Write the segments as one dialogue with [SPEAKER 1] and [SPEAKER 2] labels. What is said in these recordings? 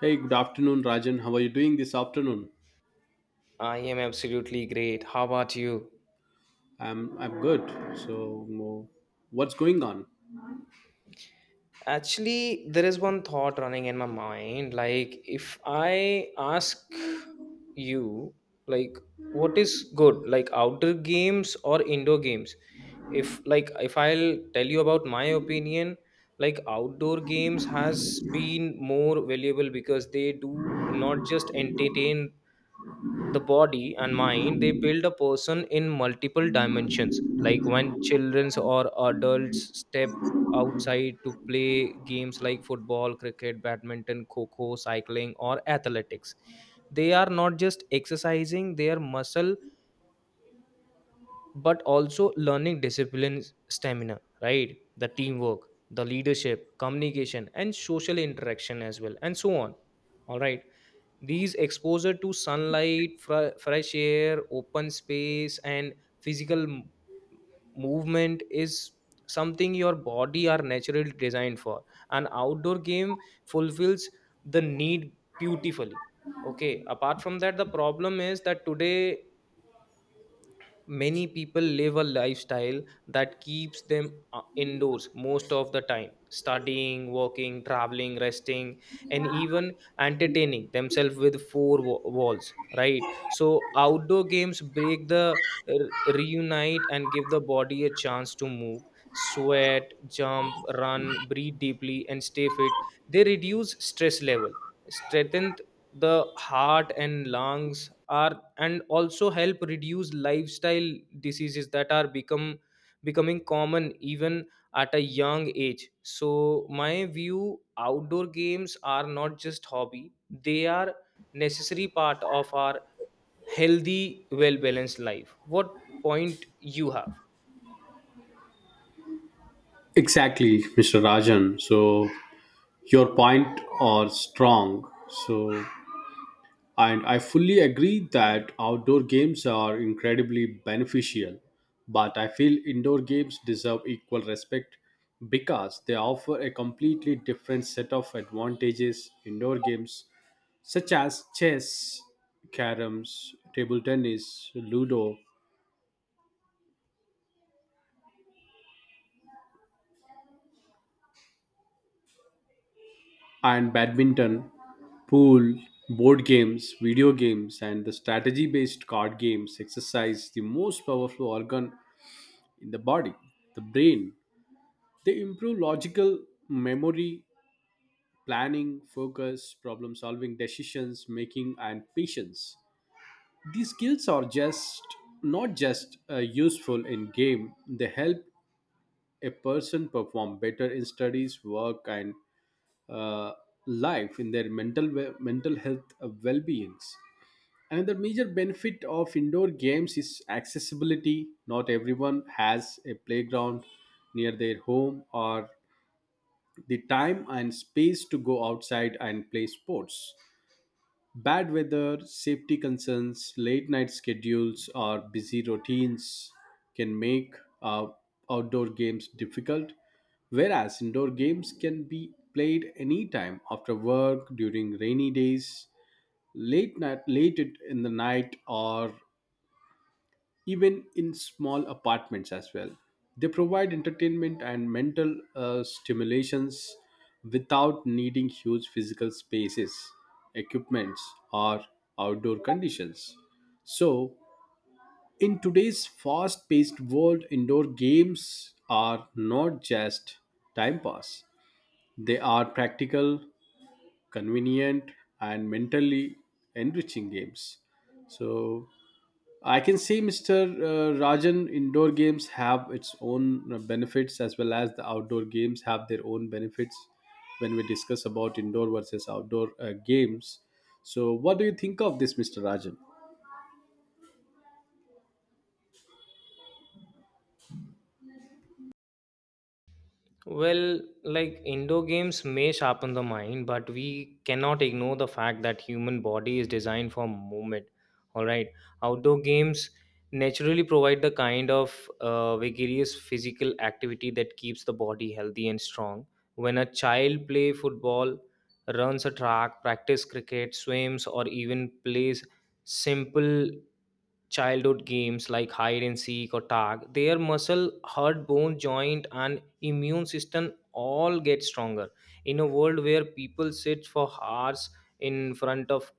[SPEAKER 1] Hey, good afternoon, Rajan. How are you doing this afternoon?
[SPEAKER 2] I am absolutely great. How about you?
[SPEAKER 1] I'm good. So, mo- what's going on?
[SPEAKER 2] Actually, there is one thought running in my mind. If I ask you, like, what is good, like outdoor games or indoor games? If, like, if I'll tell you about my opinion, like, outdoor games has been more valuable because they do not just entertain the body and mind, they build a person in multiple dimensions. Like when children or adults step outside to play games like football, cricket, badminton, kho, cycling, or athletics, they are not just exercising their muscle but also learning discipline, stamina, right, the teamwork, the leadership, communication, and social interaction as well, and so on. All right, these exposure to sunlight, fresh air, open space, and physical m- movement is something your body are naturally designed for. An outdoor game fulfills the need beautifully. Okay. Apart from that, the problem is that today many people live a lifestyle that keeps them indoors most of the time, studying, working, traveling, resting, and even entertaining themselves with four walls, right? So outdoor games break the reunite and give the body a chance to move, sweat, jump, run, breathe deeply, and stay fit. They reduce stress level, strengthen the heart and lungs are, and also help reduce lifestyle diseases that are become becoming common even at a young age. So my view, outdoor games are not just hobby, they are necessary part of our healthy, well balanced life. What point you have?
[SPEAKER 1] Exactly, Mr. Rajan. So, your point are strong. So, and I fully agree that outdoor games are incredibly beneficial, but I feel indoor games deserve equal respect because they offer a completely different set of advantages. Indoor games such as chess, caroms, table tennis, ludo, and badminton, pool, board games, video games, and the strategy based card games exercise the most powerful organ in the body, the brain. They improve logical memory, planning, focus, problem solving, decisions making, and patience. These skills are just not just useful in game, they help a person perform better in studies, work, and uh, life in their mental health well-beings. Another major benefit of indoor games is accessibility. Not everyone has a playground near their home or the time and space to go outside and play sports. Bad weather, safety concerns, late night schedules, or busy routines can make uh, outdoor games difficult, whereas indoor games can be played anytime after work, during rainy days, late night, late in the night, or even in small apartments as well. They provide entertainment and mental stimulations without needing huge physical spaces, equipments, or outdoor conditions. So, in today's fast paced world, indoor games are not just time pass, they are practical, convenient, and mentally enriching games. So, I can see Mr. Rajan, indoor games have its own benefits as well as the outdoor games have their own benefits when we discuss about indoor versus outdoor games. So, what do you think of this, Mr. Rajan?
[SPEAKER 2] Well, like indoor games may sharpen the mind, but we cannot ignore the fact that human body is designed for movement. All right, outdoor games naturally provide the kind of vigorous physical activity that keeps the body healthy and strong. When a child play football, runs a track, practice cricket, swims, or even plays simple childhood games like hide and seek or tag, their muscle, heart, bone, joint, and immune system all get stronger in a world where people sit for hours in front of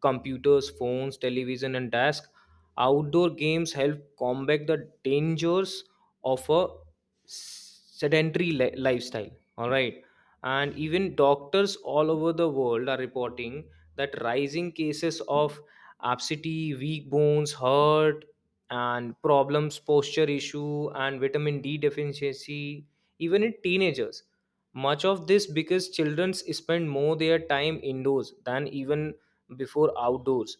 [SPEAKER 2] computers, phones, television, and desk. Outdoor games help combat the dangers of a lifestyle. All right. And even doctors all over the world are reporting that rising cases of absentee, weak bones, hurt, and problems, posture issue, and vitamin D deficiency, even in teenagers, much of this because children spend more their time indoors than even before outdoors.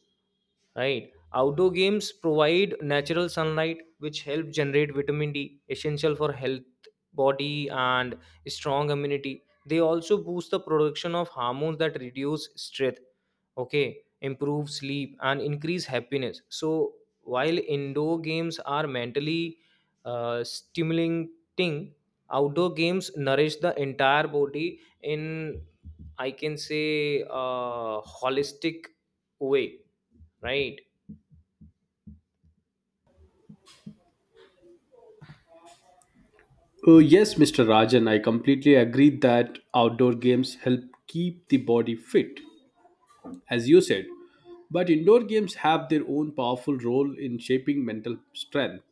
[SPEAKER 2] Right, outdoor games provide natural sunlight, which help generate vitamin D essential for health body and strong immunity. They also boost the production of hormones that reduce stress, okay, improve sleep, and increase happiness. So while indoor games are mentally stimulating, outdoor games nourish the entire body in, I can say, a holistic way, right?
[SPEAKER 1] Oh, yes, Mr. Rajan, I completely agree that outdoor games help keep the body fit, as you said. But indoor games have their own powerful role in shaping mental strength.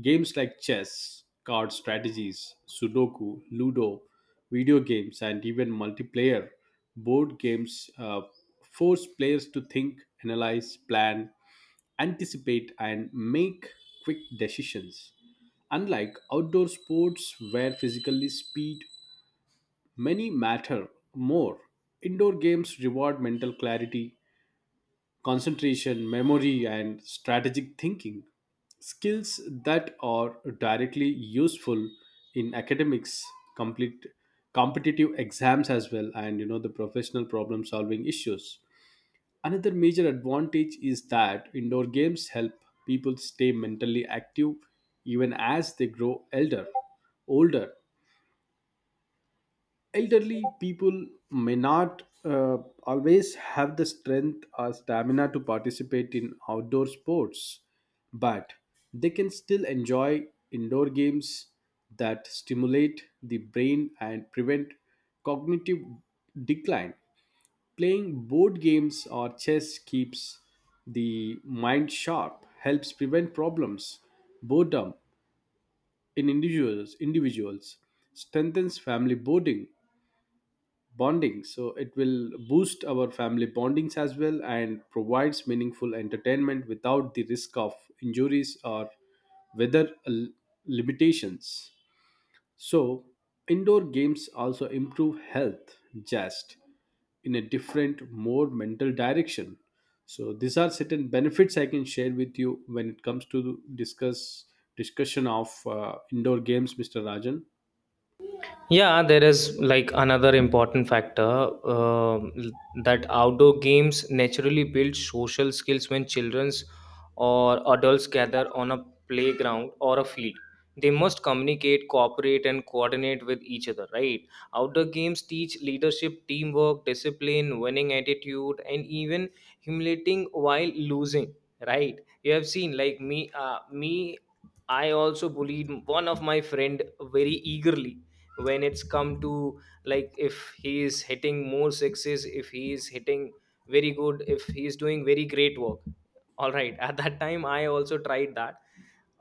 [SPEAKER 1] Games like chess, card strategies, Sudoku, Ludo, video games, and even multiplayer board games force players to think, analyze, plan, anticipate, and make quick decisions. Unlike outdoor sports where physically speed many matter more, indoor games reward mental clarity, concentration, memory, and strategic thinking. Skills that are directly useful in academics, complete competitive exams as well, and you know the professional problem solving issues. Another major advantage is that indoor games help people stay mentally active even as they grow elder, older elderly people may not always have the strength or stamina to participate in outdoor sports, but they can still enjoy indoor games that stimulate the brain and prevent cognitive decline. Playing board games or chess keeps the mind sharp, helps prevent problems, boredom in individuals, strengthens family bonding, so it will boost our family bondings as well and provides meaningful entertainment without the risk of injuries or weather l- limitations. So indoor games also improve health just in a different more mental direction. So these are certain benefits I can share with you when it comes to discussion of indoor games, Mr. Rajan.
[SPEAKER 2] Yeah, there is like another important factor that outdoor games naturally build social skills. When childrens or adults gather on a playground or a field, they must communicate, cooperate, and coordinate with each other, right? Outdoor games teach leadership, teamwork, discipline, winning attitude, and even humiliating while losing, right? You have seen like me. I also bullied one of my friend very eagerly when it's come to, like, if he is hitting more sixes, if he is hitting very good, if he is doing very great work, all right, at that time I also tried that.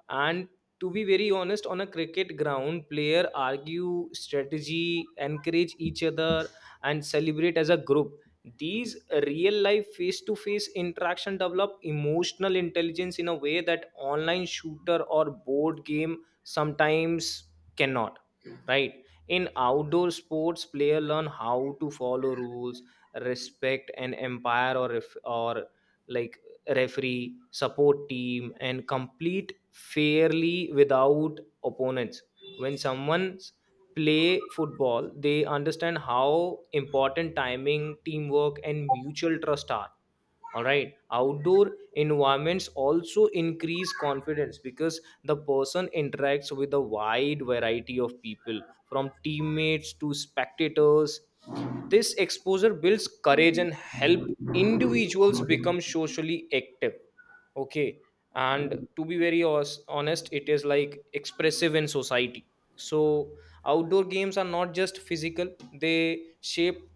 [SPEAKER 2] And to be very honest, on a cricket ground, player argue strategy, encourage each other, and celebrate as a group. These real life face to face interaction develop emotional intelligence in a way that online shooter or board game sometimes cannot. Right? In outdoor sports, player learn how to follow rules, respect an empire, or if, or like referee, support team, and complete fairly without opponents. When someone's play football, they understand how important timing, teamwork, and mutual trust are. All right, outdoor environments also increase confidence because the person interacts with a wide variety of people, from teammates to spectators. This exposure builds courage and help individuals become socially active. Okay, and to be very honest, it is like expressive in society. So outdoor games are not just physical, they shape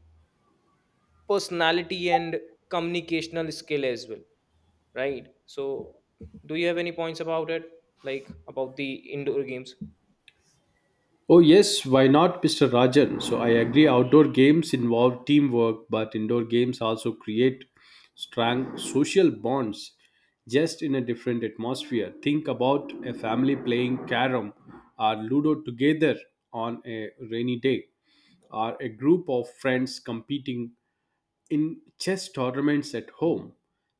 [SPEAKER 2] personality and communicational skill as well, right? So do you have any points about it, like about the indoor games?
[SPEAKER 1] Oh, yes, why not, Mr. Rajan? So, I agree, outdoor games involve teamwork, but indoor games also create strong social bonds just in a different atmosphere. Think about a family playing carom or ludo together on a rainy day, or a group of friends competing in chess tournaments at home.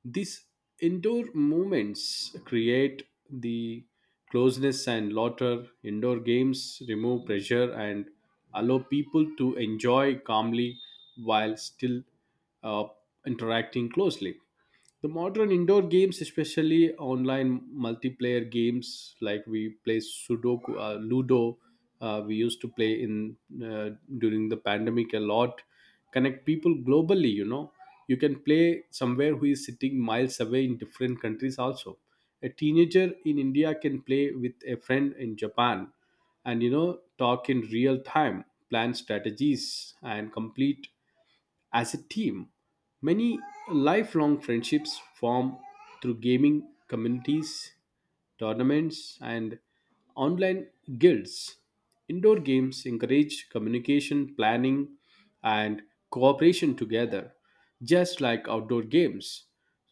[SPEAKER 1] These indoor movements create the closeness and laughter. Indoor games remove pressure and allow people to enjoy calmly while still uh, interacting closely. The modern indoor games, especially online multiplayer games like we play sudoku, ludo, we used to play in uh, during the pandemic a lot, connect people globally, you know, you can play somewhere who is sitting miles away in different countries also. A teenager in India can play with a friend in Japan, and you know, talk in real time, plan strategies and complete as a team. Many lifelong friendships form through gaming communities, tournaments, and online guilds. Indoor games encourage communication, planning, and cooperation together, just like outdoor games.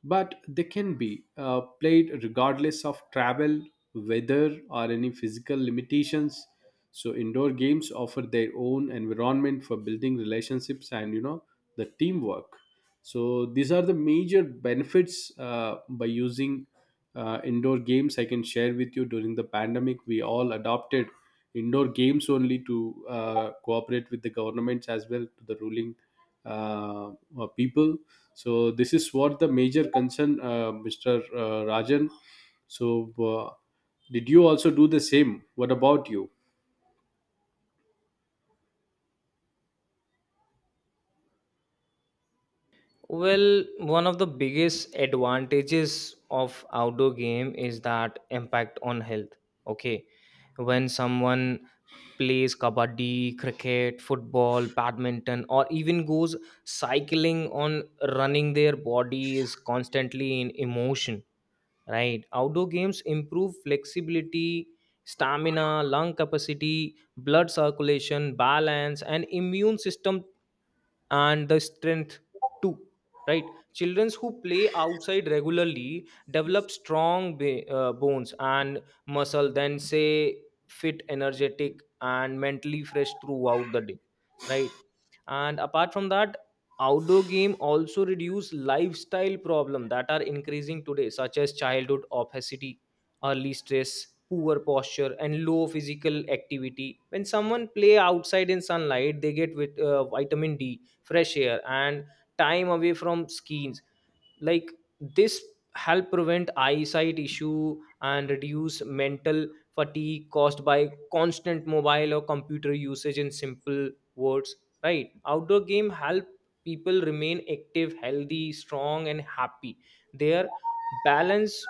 [SPEAKER 1] But they can be played regardless of travel, weather, or any physical limitations. So indoor games offer their own environment for building relationships and you know the teamwork. So these are the major benefits by using indoor games. I can share with you during the pandemic, we all adopted indoor games only to cooperate with the governments as well to the ruling uh, people. So this is what the major concern, Mr. Rajan. So did you also do the same? What about you?
[SPEAKER 2] Well, one of the biggest advantages of outdoor game is that impact on health. Okay, when someone plays kabaddi, cricket, football, badminton, or even goes cycling on running, their body is constantly in emotion. Right. Outdoor games improve flexibility, stamina, lung capacity, blood circulation, balance, and immune system, and the strength too. Right. Children who play outside regularly develop strong bones and muscle, then say fit, energetic, and mentally fresh throughout the day. Right. And apart from that, outdoor game also reduce lifestyle problem that are increasing today, such as childhood obesity, early stress, poor posture, and low physical activity. When someone play outside in sunlight, they get with vitamin D, fresh air, and time away from screens. Like this help prevent eyesight issue and reduce mental fatigue caused by constant mobile or computer usage. In simple words, right, outdoor game help people remain active, healthy, strong, and happy. Their balance,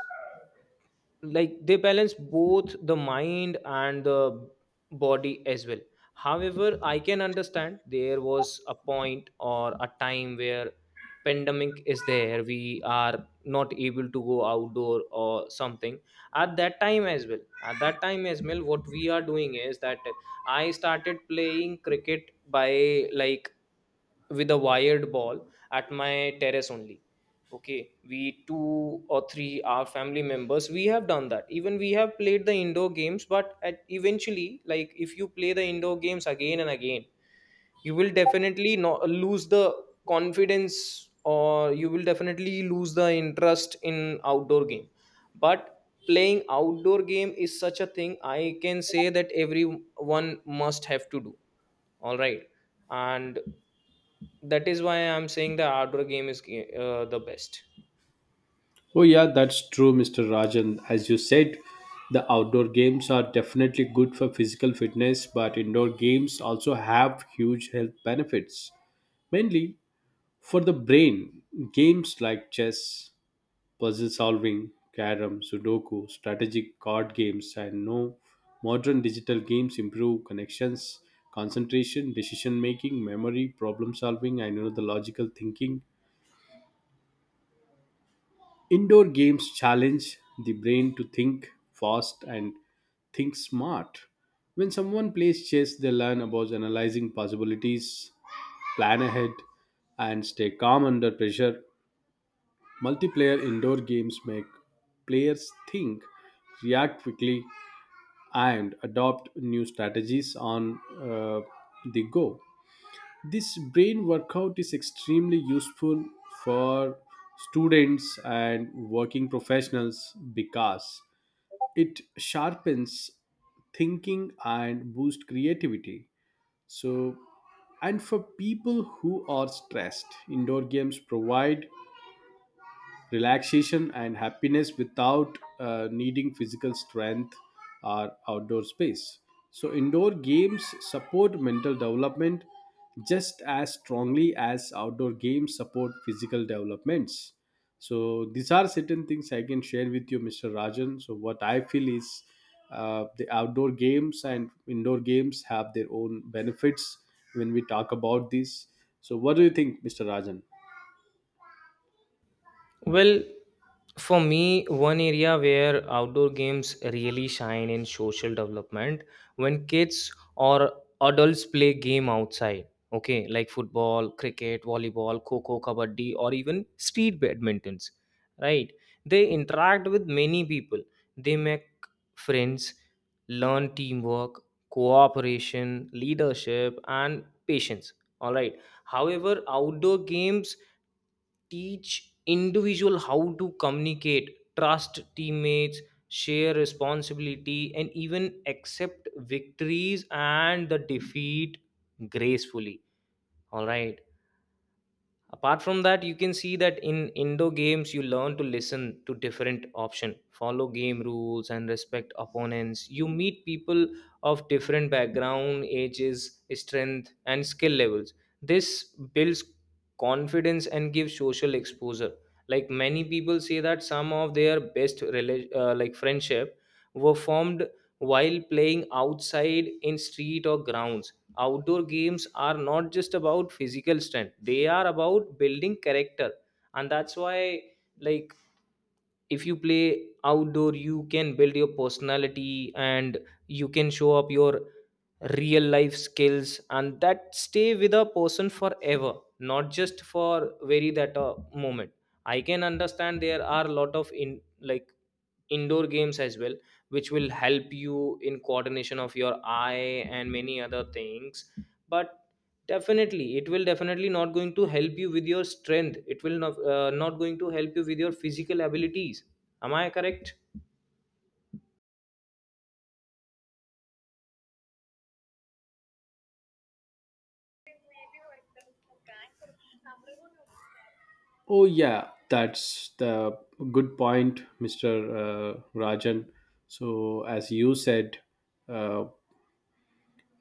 [SPEAKER 2] like, they balance both the mind and the body as well. However, I can understand there was a point or a time where pandemic is there, we are not able to go outdoor or something. At that time as well, at that time as well, what we are doing is that I started playing cricket by, like, with a wired ball at my terrace only. Okay, we two or three our family members, we have done that. Even we have played the indoor games, but at eventually, like, if you play the indoor games again and again, you will definitely not lose the confidence, or you will definitely lose the interest in outdoor game. But playing outdoor game is such a thing, I can say that everyone must have to do. All right, and that is why I'm saying the outdoor game is the best.
[SPEAKER 1] Oh, yeah, that's true, Mr. Rajan. As you said, the outdoor games are definitely good for physical fitness, but indoor games also have huge health benefits. Mainly for the brain, games like chess, puzzle solving, carom, sudoku, strategic card games, and no modern digital games improve connections, concentration, decision making, memory, problem solving, and you know, the logical thinking. Indoor games challenge the brain to think fast and think smart. When someone plays chess, they learn about analyzing possibilities, plan ahead, and stay calm under pressure. Multiplayer indoor games make players think, react quickly, and adopt new strategies on the go. This brain workout is extremely useful for students and working professionals because it sharpens thinking and boosts creativity. So, and for people who are stressed, indoor games provide relaxation and happiness without needing physical strength or outdoor space. So, indoor games support mental development just as strongly as outdoor games support physical developments. So, these are certain things I can share with you, Mr. Rajan. So, what I feel is the outdoor games and indoor games have their own benefits when we talk about this. So, what do you think, Mr. Rajan?
[SPEAKER 2] Well, for me, one area where outdoor games really shine in social development, when kids or adults play game outside. Okay, like football, cricket, volleyball, coco, kabaddi, or even street badmintons. Right? They interact with many people. They make friends, learn teamwork, cooperation, leadership, and patience. All right. However, outdoor games teach individual how to communicate, trust teammates, share responsibility, and even accept victories and the defeat gracefully. All right, apart from that, you can see that in indoor games you learn to listen to different option, follow game rules, and respect opponents. You meet people of different background, ages, strength, and skill levels. This builds confidence and gives social exposure. Like many people say that some of their best like friendship were formed while playing outside in street or grounds. Outdoor games are not just about physical strength, they are about building character. And that's why, like, if you play outdoor, you can build your personality and you can show up your real life skills, and that stay with a person forever, not just for very that moment. I can understand there are a lot of in, like, indoor games as well, which will help you in coordination of your eye and many other things, but definitely it will definitely not going to help you with your strength. It will not, going to help you with your physical abilities. Am I correct?
[SPEAKER 1] Oh, yeah, that's the good point, Mr. Rajan. So, as you said, uh,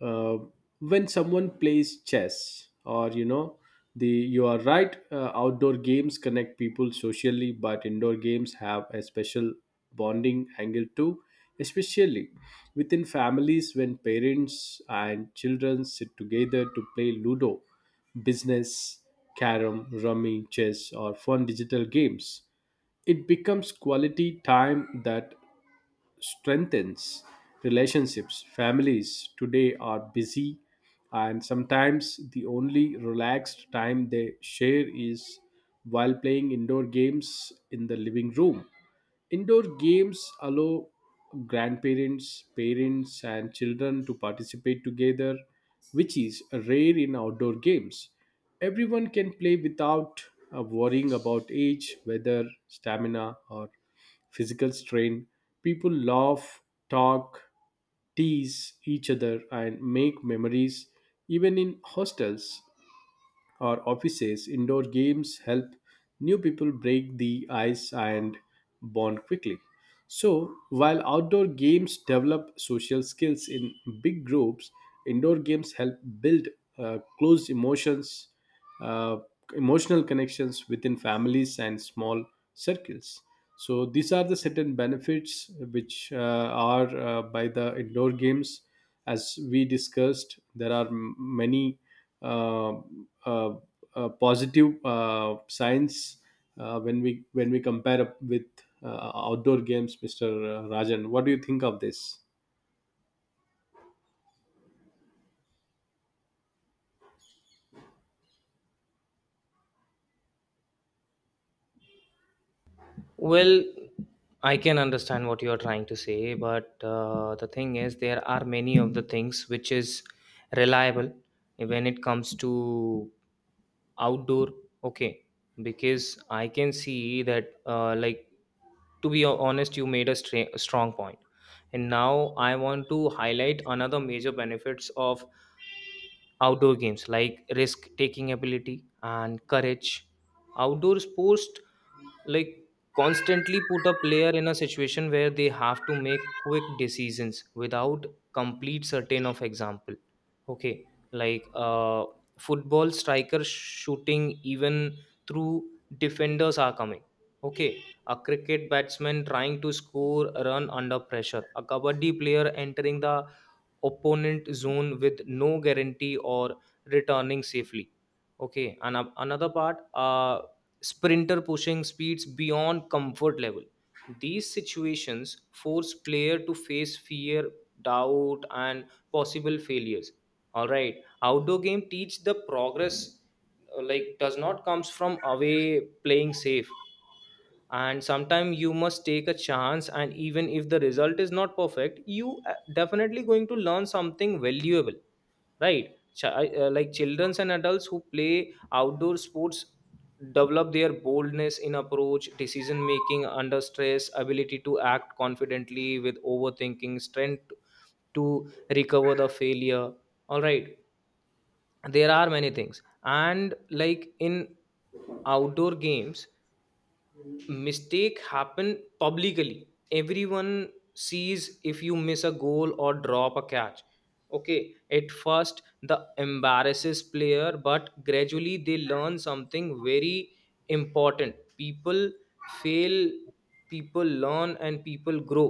[SPEAKER 1] uh, when someone plays chess or you know the, you are right, outdoor games connect people socially but indoor games have a special bonding angle too, especially within families. When parents and children sit together to play ludo, business, carom, rummy, chess, or fun digital games, it becomes quality time that strengthens relationships. Families today are busy, and sometimes the only relaxed time they share is while playing indoor games in the living room. Indoor games allow grandparents, parents, and children to participate together, which is rare in outdoor games. Everyone can play without worrying about age, weather, stamina, or physical strain. People laugh, talk, tease each other, and make memories. Even in hostels or offices, indoor games help new people break the ice and bond quickly. So, while outdoor games develop social skills in big groups, indoor games help build close emotions, uh, emotional connections within families and small circles. So, these are the certain benefits which are by the indoor games. As we discussed, there are many uh, uh, positive signs when we compare up with outdoor games, Mr. Rajan. What do you think of this?
[SPEAKER 2] Well, I can understand what you are trying to say, but the thing is, there are many of the things which is reliable when it comes to outdoor. Okay, because I can see that, like, to be honest, you made a a strong point, and now I want to highlight another major benefits of outdoor games like risk taking ability and courage. Outdoor sports, like, constantly put a player in a situation where they have to make quick decisions without complete certain of example. Okay, like football striker shooting even through defenders are coming, okay, a cricket batsman trying to score a run under pressure, a kabaddi player entering the opponent zone with no guarantee or returning safely, okay, and another part, sprinter pushing speeds beyond comfort level. These situations force player to face fear, doubt, and possible failures. All right, outdoor game teach the progress like does not comes from away playing safe, and sometimes you must take a chance, and even if the result is not perfect you definitely going to learn something valuable. Right. Like children and adults who play outdoor sports develop their boldness in approach, decision making under stress, ability to act confidently with overthinking, strength to recover the failure. All right, there are many things, and like in outdoor games mistake happen publicly. Everyone sees if you miss a goal or drop a catch. Okay, at first the embarrasses player, but gradually they learn something very important. People fail, people learn, and people grow.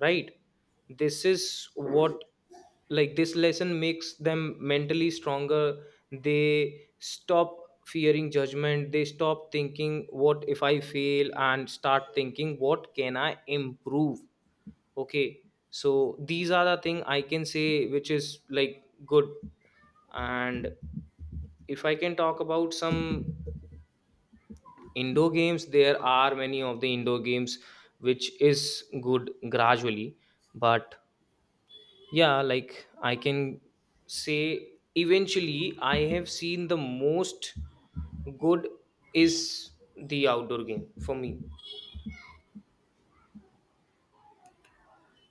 [SPEAKER 2] Right. This is what, like, this lesson makes them mentally stronger. They stop fearing judgment, they stop thinking what if I fail, and start thinking what can I improve. Okay, so these are the thing I can say which is like good. And if I can talk about some indoor games, there are many of the indoor games which is good gradually, but yeah, like I can say eventually I have seen the most good is the outdoor game for me.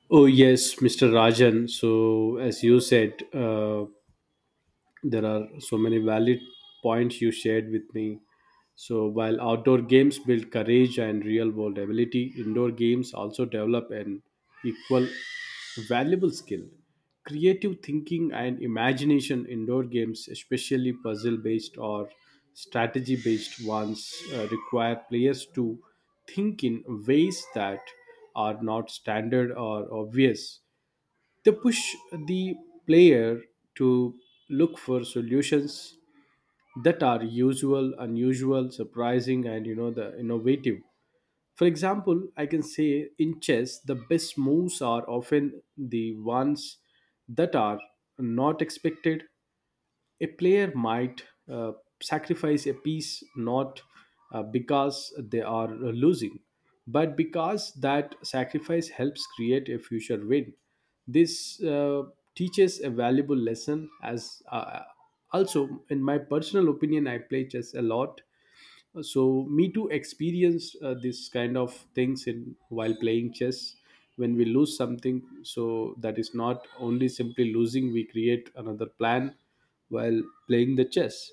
[SPEAKER 1] Oh yes, Mr. Rajan. So as you said, there are so many valid points you shared with me. So while outdoor games build courage and real world ability, indoor games also develop an equal valuable skill: creative thinking and imagination. Indoor games, especially puzzle based or strategy based ones, require players to think in ways that are not standard or obvious. They push the player to look for solutions that are usual, unusual, surprising, and you know the innovative. For example, I can say in chess, the best moves are often the ones that are not expected. A player might uh, sacrifice a piece not because they are losing, but because that sacrifice helps create a future win. This teaches a valuable lesson. As also, in my personal opinion, I play chess a lot, so me too experience this kind of things in while playing chess. When we lose something, so that is not only simply losing, we create another plan while playing the chess.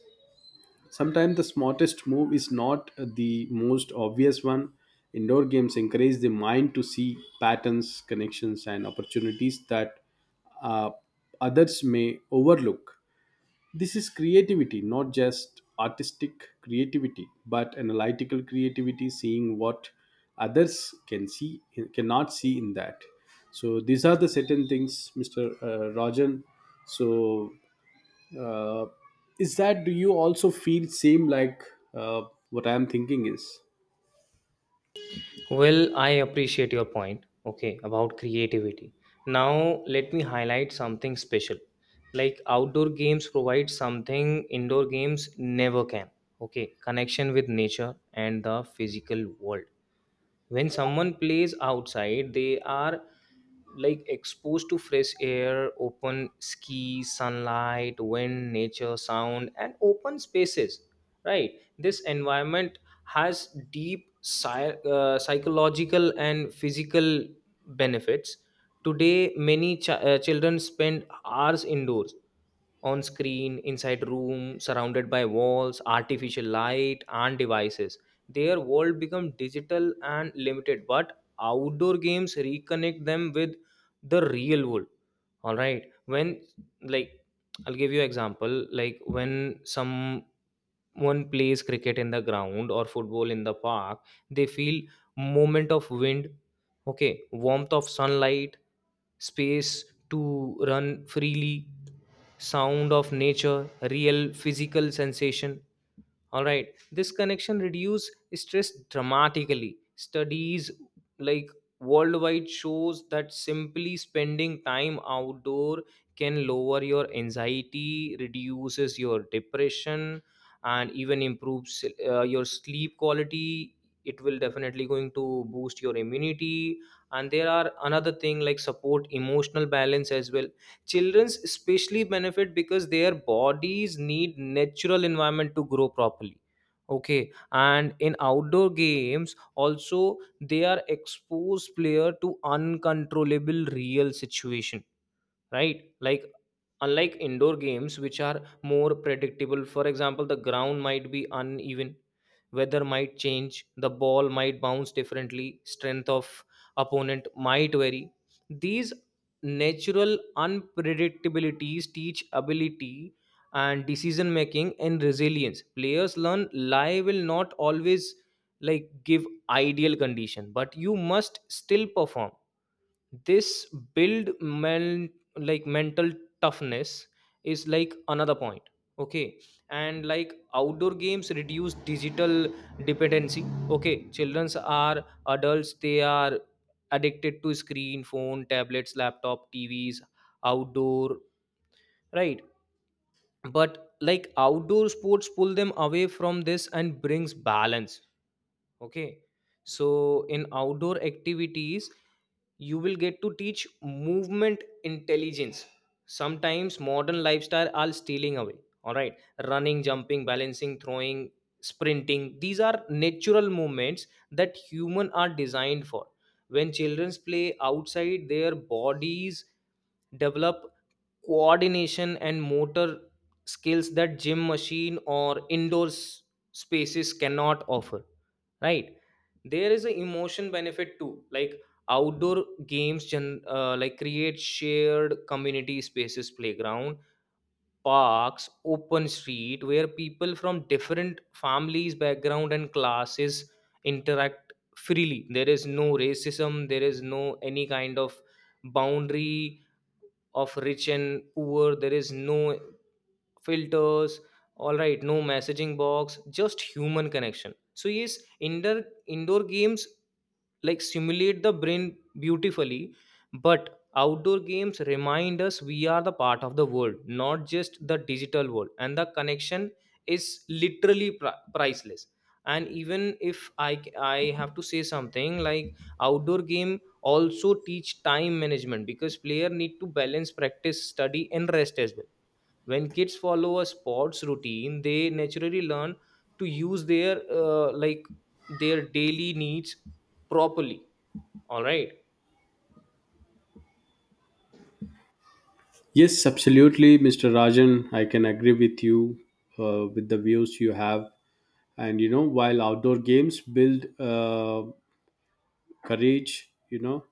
[SPEAKER 1] Sometimes the smartest move is not the most obvious one. Indoor games encourage the mind to see patterns, connections and opportunities that uh, others may overlook. This is creativity, not just artistic creativity but analytical creativity, seeing what others can see, cannot see in that. So these are the certain things, Mr. Rajan. so uh, is that do you also feel same, like uh, what I am thinking is?
[SPEAKER 2] Well, I appreciate your point, okay, about creativity. Now, let me highlight something special. Like outdoor games provide something indoor games never can, okay, connection with nature and the physical world. When someone plays outside they are like exposed to fresh air, open sky, sunlight, wind, nature sound, and open spaces. Right, this environment has deep psychological and physical benefits. Today many children spend hours indoors, on screen, inside room, surrounded by walls, artificial light, and devices. Their world become digital and limited, but outdoor games reconnect them with the real world. All right, when, like, I'll give you example, like when some one plays cricket in the ground or football in the park, they feel movement of wind, okay, warmth of sunlight, space to run freely, sound of nature, real physical sensation. All right. This connection reduce stress dramatically. Studies, like, worldwide shows that simply spending time outdoor can lower your anxiety, reduces your depression, and even improves your sleep quality. It will definitely going to boost your immunity. And there are another thing like support emotional balance as well. Children's especially benefit because their bodies need natural environment to grow properly. Okay, and in outdoor games also, they are exposed player to uncontrollable real situation. Right, like unlike indoor games which are more predictable. For example, the ground might be uneven, weather might change, the ball might bounce differently, strength of opponent might vary. These natural unpredictabilities teach ability and decision making and resilience. Players learn life will not always, like, give ideal condition, but you must still perform. This build men, like, mental toughness is like another point. Okay, and like outdoor games reduce digital dependency. Okay, childrens are adults, they are addicted to screen, phone, tablets, laptop, tvs, outdoor. Right. But like outdoor sports pull them away from this and brings balance. Okay. So, in outdoor activities, you will get to teach movement intelligence. Sometimes modern lifestyle are stealing away. All right. Running, jumping, balancing, throwing, sprinting. These are natural movements that human are designed for. When children play outside, their bodies develop coordination and motor skills that gym machine or spaces cannot offer. Right. There is an emotion benefit too, like outdoor games like create shared community spaces, playground, parks, open street, where people from different families background and classes interact freely. There is no racism, there is no any kind of boundary of rich and poor, there is no filters. All right, no messaging box, just human connection. So yes, indoor games, like, simulate the brain beautifully, but outdoor games remind us we are the part of the world, not just the digital world, and the connection is literally priceless. And even if I have to say something, like, outdoor game also teach time management because player need to balance practice, study, and rest as well. When kids follow a sports routine they naturally learn to use their uh, like their daily needs properly. All right.
[SPEAKER 1] Yes, absolutely, Mr. Rajan, I can agree with you with the views you have. And you know, while outdoor games build uh, courage, you know,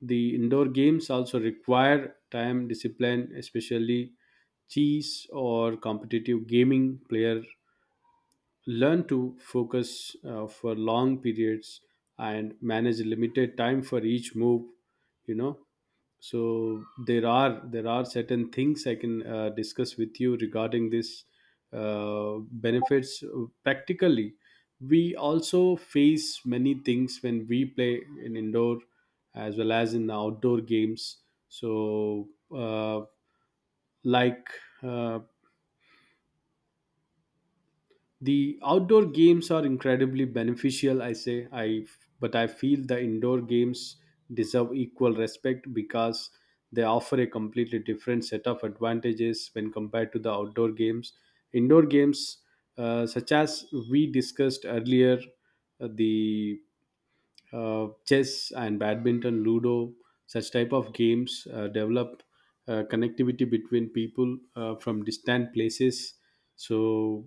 [SPEAKER 1] the indoor games also require time discipline, especially chess or competitive gaming. Player learn to focus for long periods and manage limited time for each move, you know. So there are certain things I can discuss with you regarding this benefits practically. We also face many things when we play in indoor as well as in outdoor games. So uh, like uh, the outdoor games are incredibly beneficial, I say I but I feel the indoor games deserve equal respect because they offer a completely different set of advantages when compared to the outdoor games. Indoor games, such as we discussed earlier, the chess and badminton, ludo, such type of games develop connectivity between people from distant places. So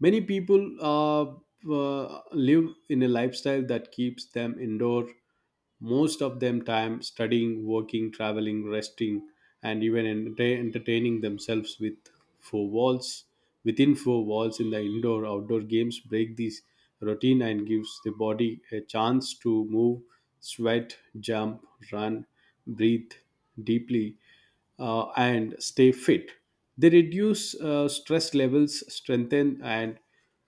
[SPEAKER 1] many people live in a lifestyle that keeps them indoor, most of them time studying, working, traveling, resting, and even entertaining themselves with four walls. Within four walls in the indoor, outdoor games break this routine and gives the body a chance to move, sweat, jump, run, breathe deeply, and stay fit. They reduce stress levels, strengthen and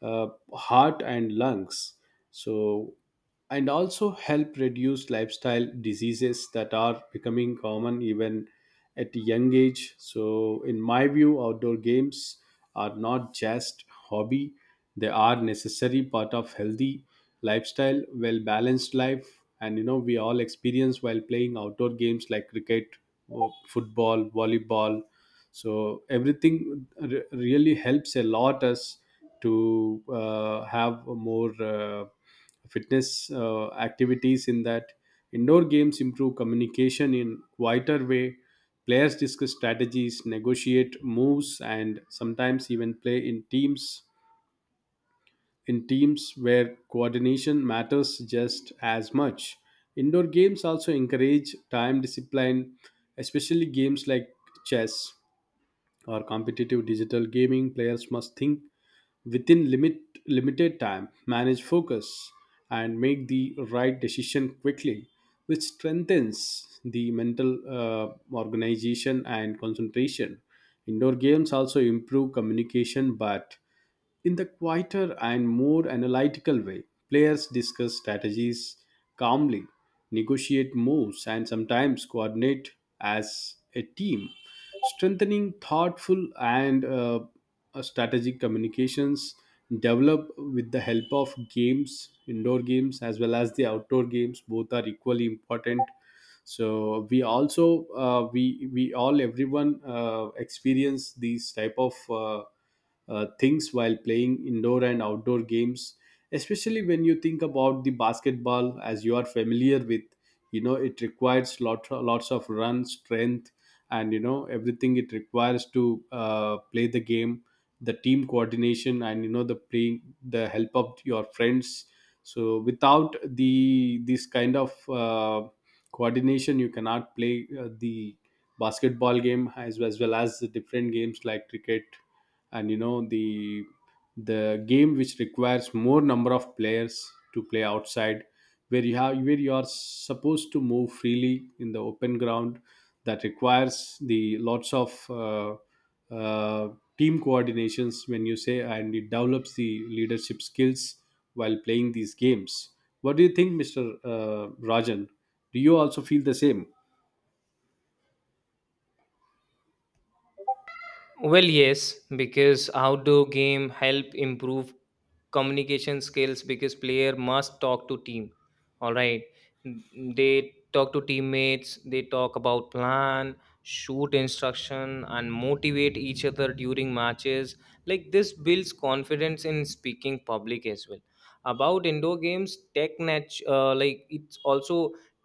[SPEAKER 1] heart and lungs. So, and also help reduce lifestyle diseases that are becoming common even at a young age. So in my view, outdoor games are not just hobby; they are necessary part of healthy lifestyle, well balanced life. And you know, we all experience while playing outdoor games like cricket, or football, volleyball. So everything really helps a lot us to have more fitness activities in that. Indoor games improve communication in quieter way. Players discuss strategies, negotiate moves, and sometimes even play in teams, where coordination matters just as much. Indoor games also encourage time discipline, especially games like chess or competitive digital gaming. Players must think within limited time, manage focus, and make the right decision quickly, which strengthens the mental organization and concentration. Indoor games also improve communication, but in the quieter and more analytical way. Players discuss strategies calmly, negotiate moves, and sometimes coordinate as a team, strengthening thoughtful and strategic communications. Develop with the help of games, indoor games as well as the outdoor games, both are equally important. So we also we all everyone experience these type of things while playing indoor and outdoor games, especially when you think about the basketball, as you are familiar with. You know, it requires lots of run, strength, and you know everything it requires to play the game, the team coordination, and you know the playing the help of your friends. So without the this kind of coordination, you cannot play the basketball game, as well as the different games like cricket, and you know the game which requires more number of players to play outside, where you have, where you are supposed to move freely in the open ground, that requires the lots of uh, team coordinations, when you say. And it develops the leadership skills while playing these games. What do you think, mr uh, rajan Do you also feel the same?
[SPEAKER 2] Well, yes, because outdoor game help improve communication skills because player must talk to team. All right, N- they talk to teammates. They talk about plan, shoot instruction, and motivate each other during matches. Like this builds confidence in speaking public as well. About indoor games, like it's also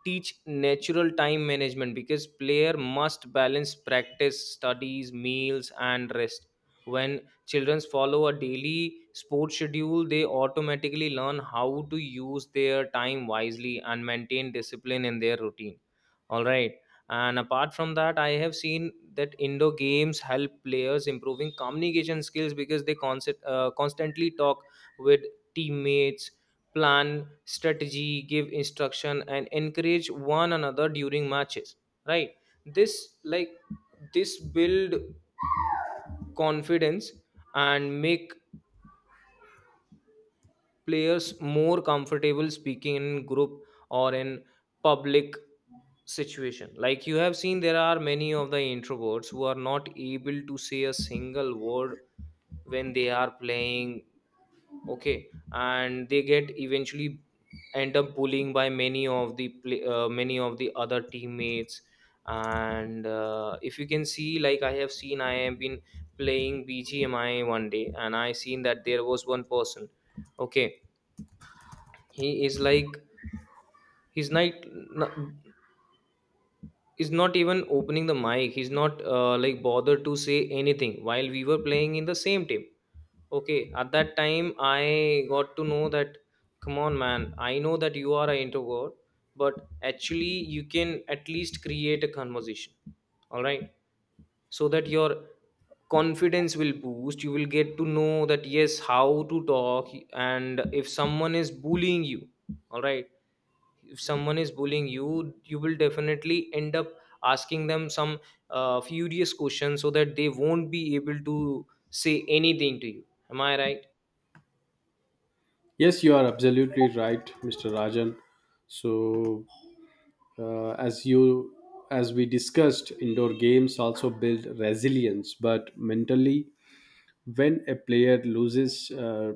[SPEAKER 2] teach natural time management because player must balance practice, studies, meals, and rest. When children follow a daily sports schedule they automatically learn how to use their time wisely and maintain discipline in their routine. All right. And apart from that I have seen that indoor games help players improving communication skills because they constantly talk with teammates, plan strategy, give instruction, and encourage one another during matches. Right. This, like, this build confidence and make players more comfortable speaking in group or in public situation. Like you have seen there are many of the introverts who are not able to say a single word when they are playing. Okay, and they get eventually end up bullying by many of the many of the other teammates. And if you can see, like, I have seen, I have been playing bgmi one day and I seen that there was one person. Okay, he is like, he's not, is not even opening the mic, he's not like bothered to say anything while we were playing in the same team. Okay, at that time I got to know that, come on man, I know that you are an introvert, but actually you can at least create a conversation. All right? So that your confidence will boost. You will get to know that yes, how to talk, and if someone is bullying you, all right, if someone is bullying you, you will definitely end up asking them some furious questions so that they won't be able to say anything to you. Am I right?
[SPEAKER 1] Yes, you are absolutely right, Mr. Rajan. So uh, as you as we discussed, indoor games also build resilience, but mentally. When a player loses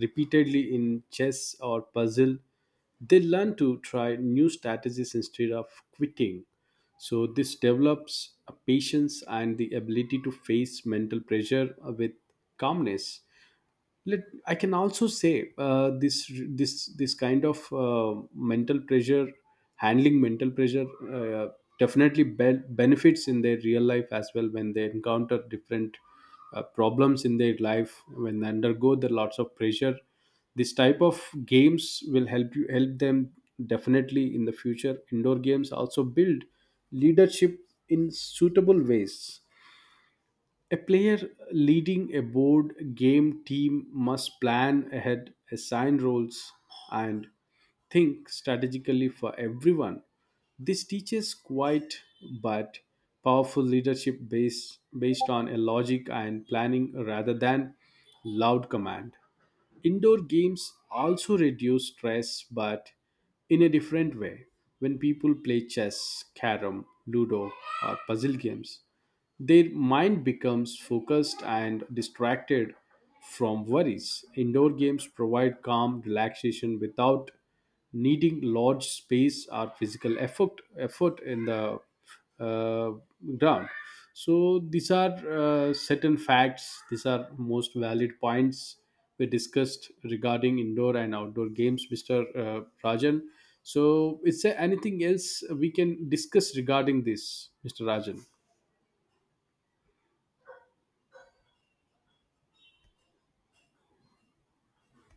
[SPEAKER 1] repeatedly in chess or puzzle, they learn to try new strategies instead of quitting. So this develops a patience and the ability to face mental pressure with calmness. Let I can also say this kind of mental pressure, handling mental pressure, uh, definitely benefits in their real life as well, when they encounter different problems in their life, when they undergo the lots of pressure. This type of games will help you help them definitely in the future. Indoor games also build leadership in suitable ways. A player leading a board game team must plan ahead, assign roles, and think strategically for everyone. This teaches quiet but powerful leadership based on a logic and planning rather than loud command. Indoor games also reduce stress, but in a different way. When people play chess, carom, ludo, or puzzle games, their mind becomes focused and distracted from worries. Indoor games provide calm relaxation without needing large space or physical effort in the uh, ground. So these are certain facts. These are most valid points we discussed regarding indoor and outdoor games, Mr. Rajan. So, is there anything else we can discuss regarding this, Mr. Rajan?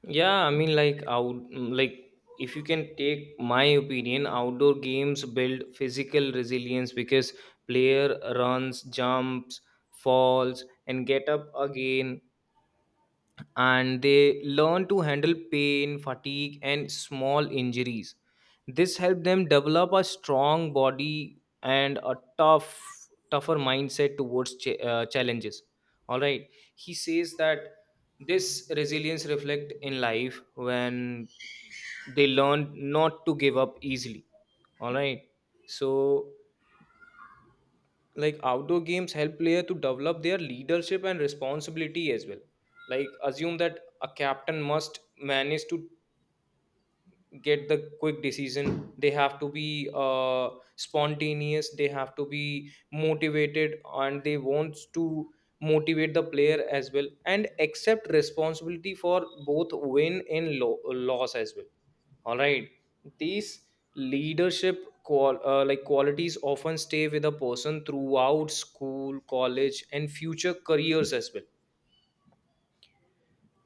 [SPEAKER 2] Yeah, I mean, like if you can take my opinion, outdoor games build physical resilience because player runs, jumps, falls, and get up again, and they learn to handle pain, fatigue, and small injuries. This helps them develop a strong body and a tougher mindset towards challenges. All right, he says that this resilience reflect in life when they learn not to give up easily. All right, so like outdoor games help player to develop their leadership and responsibility as well. Like assume that a captain must manage to get the quick decision. They have to be spontaneous, they have to be motivated, and they want to motivate the player as well and accept responsibility for both win and loss as well. All right, these leadership like qualities often stay with a person throughout school, college, and future careers as well.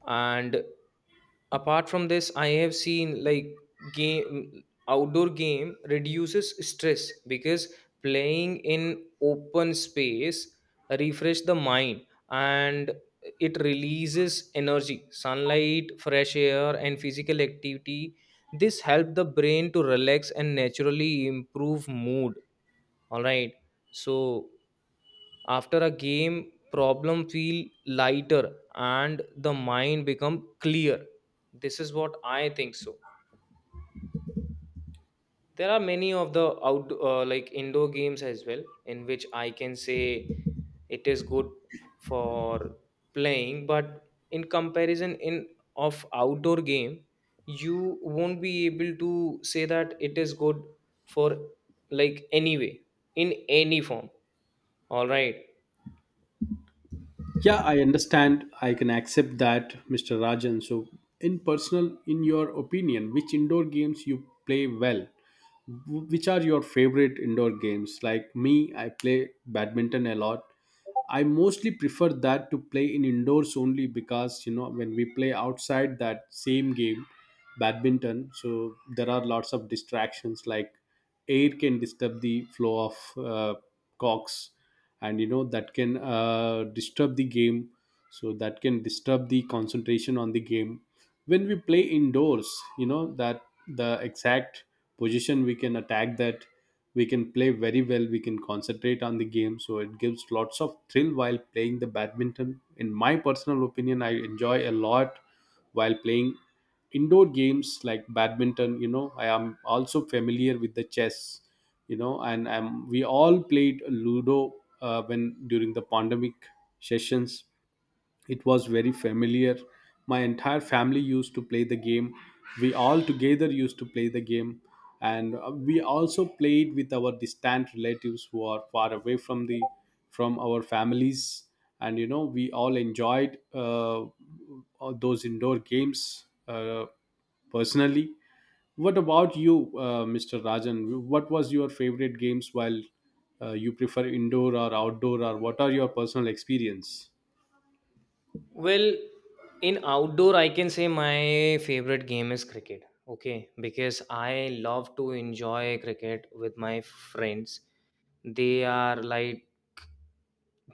[SPEAKER 2] And apart from this I have seen like game outdoor game reduces stress because playing in open space refresh the mind and it releases energy, sunlight, fresh air, and physical activity. This help the brain to relax and naturally improve mood. All right. So after a game, problem feel lighter and the mind become clear. This is what I think so. There are many of the out like indoor games as well in which I can say it is good for playing, but in comparison in of outdoor game, you won't be able to say that it is good for, like, anyway, in any form. All right.
[SPEAKER 1] Yeah, I understand. I can accept that, Mr. Rajan. So, in personal, in your opinion, which indoor games you play well? Which are your favorite indoor games? Like me, I play badminton a lot. I mostly prefer that to play in indoors only, because you know, when we play outside that same game, badminton, so there are lots of distractions like air can disturb the flow of cocks, and you know that can disturb the game, so that can disturb the concentration on the game. When we play indoors, you know that the exact position we can attack that, we can play very well, we can concentrate on the game. So it gives lots of thrill while playing the badminton. In my personal opinion, I enjoy a lot while playing indoor games like badminton. You know, I am also familiar with the chess, you know. And we all played ludo when during the pandemic sessions. It was very familiar. My entire family used to play the game. We all together used to play the game. And we also played with our distant relatives who are far away from the, from our families. And you know, we all enjoyed all those indoor games personally. What about you, Mr. Rajan? What was your favorite games while you prefer indoor or outdoor, or what are your personal experience?
[SPEAKER 2] Well, in outdoor, I can say my favorite game is cricket. Okay, because I love to enjoy cricket with my friends. They are like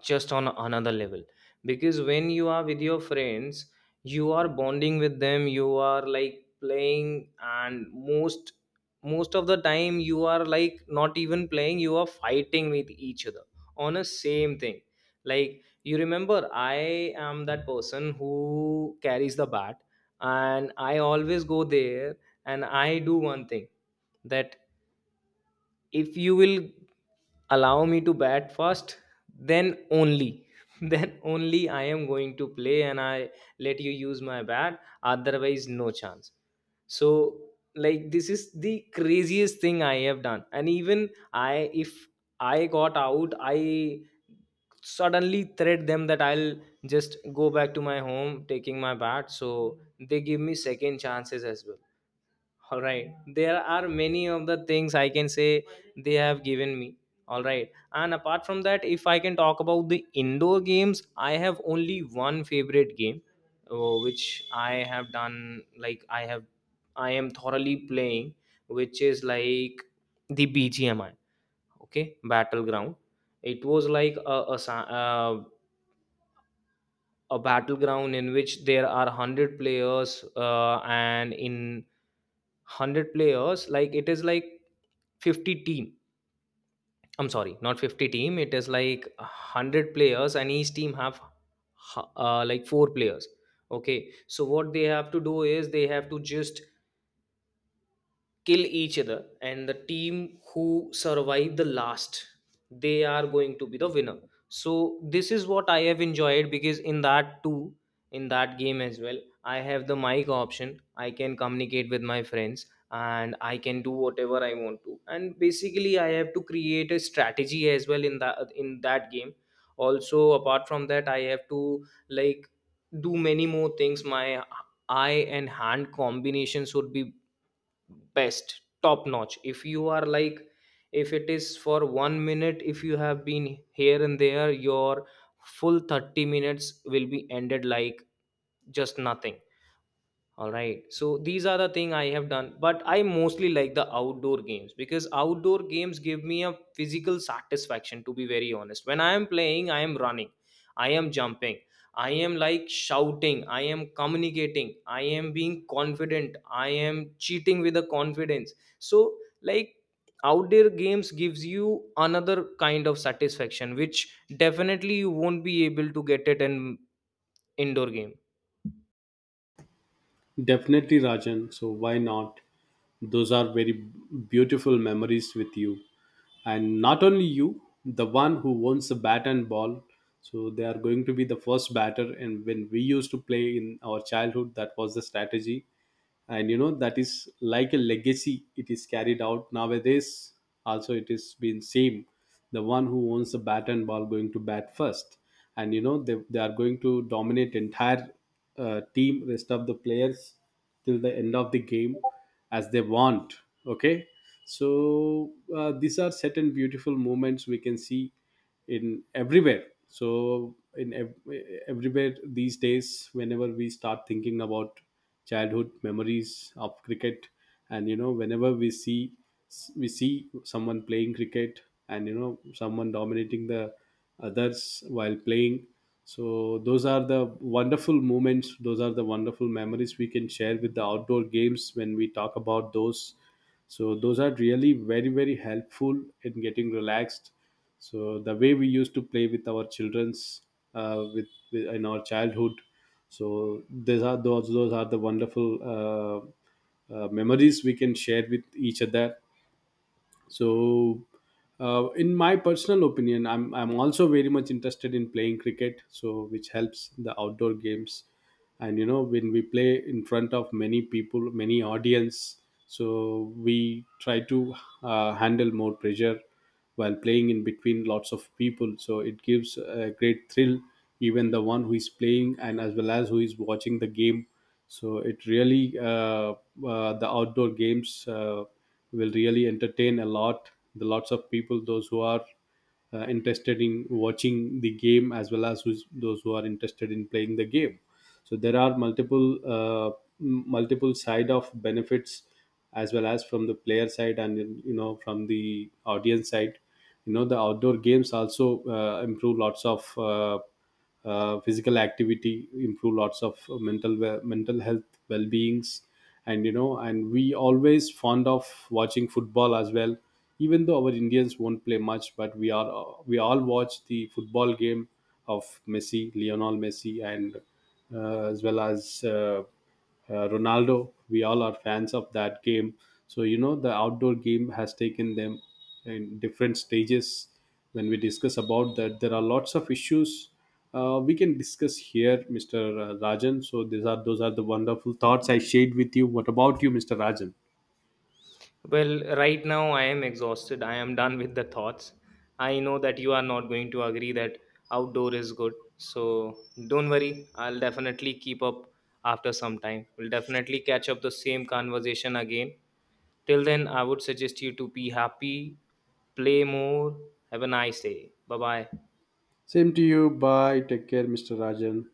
[SPEAKER 2] just on another level, because when you are with your friends you are bonding with them, you are like playing, and most of the time you are like not even playing, you are fighting with each other on a same thing. Like you remember, I am that person who carries the bat, and I always go there and I do one thing, that if you will allow me to bat first, then only then only I am going to play, and I let you use my bat, otherwise no chance. So, like, this is the craziest thing I have done, and even I if I got out I suddenly threat them that I'll just go back to my home taking my bat, so they give me second chances as well. All right, there are many of the things I can say they have given me. All right. And apart from that, if I can talk about the indoor games, I have only one favorite game, which I have done, like I have, I am thoroughly playing, which is like the bgmi, okay, battleground. It was like a battleground in which there are 100 players, and in 100 players, like it is like 50 team. I'm sorry, not 50 team. It is like 100 players and each team have like 4 players. Okay, so what they have to do is they have to just kill each other, and the team who survive the last, they are going to be the winner. So this is what I have enjoyed, because in that too, in that game as well, I have the mic option, I can communicate with my friends, and I can do whatever I want to, and basically I have to create a strategy as well in that, in that game also. Apart from that I have to, like, do many more things. My eye and hand combinations would be best, top notch. If you are like, if it is for 1 minute, if you have been here and there, your full 30 minutes will be ended like just nothing. All right. So these are the thing I have done, but I mostly like the outdoor games because outdoor games give me a physical satisfaction, to be very honest. When I am playing, I am running, I am jumping, I am like shouting, I am communicating, I am being confident, I am cheating with the confidence. So, like, outdoor games gives you another kind of satisfaction which definitely you won't be able to get it in indoor game.
[SPEAKER 1] Definitely, Rajan. So, why not? Those are very beautiful memories with you. And not only you, the one who owns the bat and ball. So, they are going to be the first batter. And when we used to play in our childhood, that was the strategy. And you know that is like a legacy, it is carried out nowadays also, it is been same. The one who owns the bat and ball going to bat first, and you know they are going to dominate entire team, rest of the players, till the end of the game, as they want. Okay, so these are certain beautiful moments we can see in everywhere. So in everywhere these days, whenever we start thinking about childhood memories of cricket, and you know whenever we see someone playing cricket, and you know someone dominating the others while playing, so those are the wonderful moments, those are the wonderful memories we can share with the outdoor games when we talk about those. So those are really very very helpful in getting relaxed. So the way we used to play with our children's uh, with, with in our childhood, so these are those are the wonderful memories we can share with each other. So, in my personal opinion, I'm also very much interested in playing cricket. So, which helps the outdoor games, and you know when we play in front of many people, many audience, so we try to handle more pressure while playing in between lots of people. So it gives a great thrill, even the one who is playing and as well as who is watching the game. So it really the outdoor games. Will really entertain a lot the lots of people, those who are interested in watching the game as well as those who are interested in playing the game. So there are multiple multiple side of benefits, as well as from the player side and you know from the audience side. You know the outdoor games also improve lots of physical activity, improve lots of mental health well beings. And you know, and we always fond of watching football as well. Even though our indians won't play much, but we are we all watch the football game of messi lionel messi, and as well as Ronaldo. We all are fans of that game. So you know the outdoor game has taken them in different stages. When we discuss about that, there are lots of issues we can discuss here, Mr. Rajan. So these are, those are the wonderful thoughts I shared with you. What about you, Mr. Rajan?
[SPEAKER 2] Well, right now I am exhausted. I am done with the thoughts. I know that you are not going to agree that outdoor is good. So don't worry. I'll definitely keep up after some time. We'll definitely catch up the same conversation again. Till then, I would suggest you to be happy, play more, have a nice day. Bye bye.
[SPEAKER 1] Same to you. Bye. Take care, Mr. Rajan.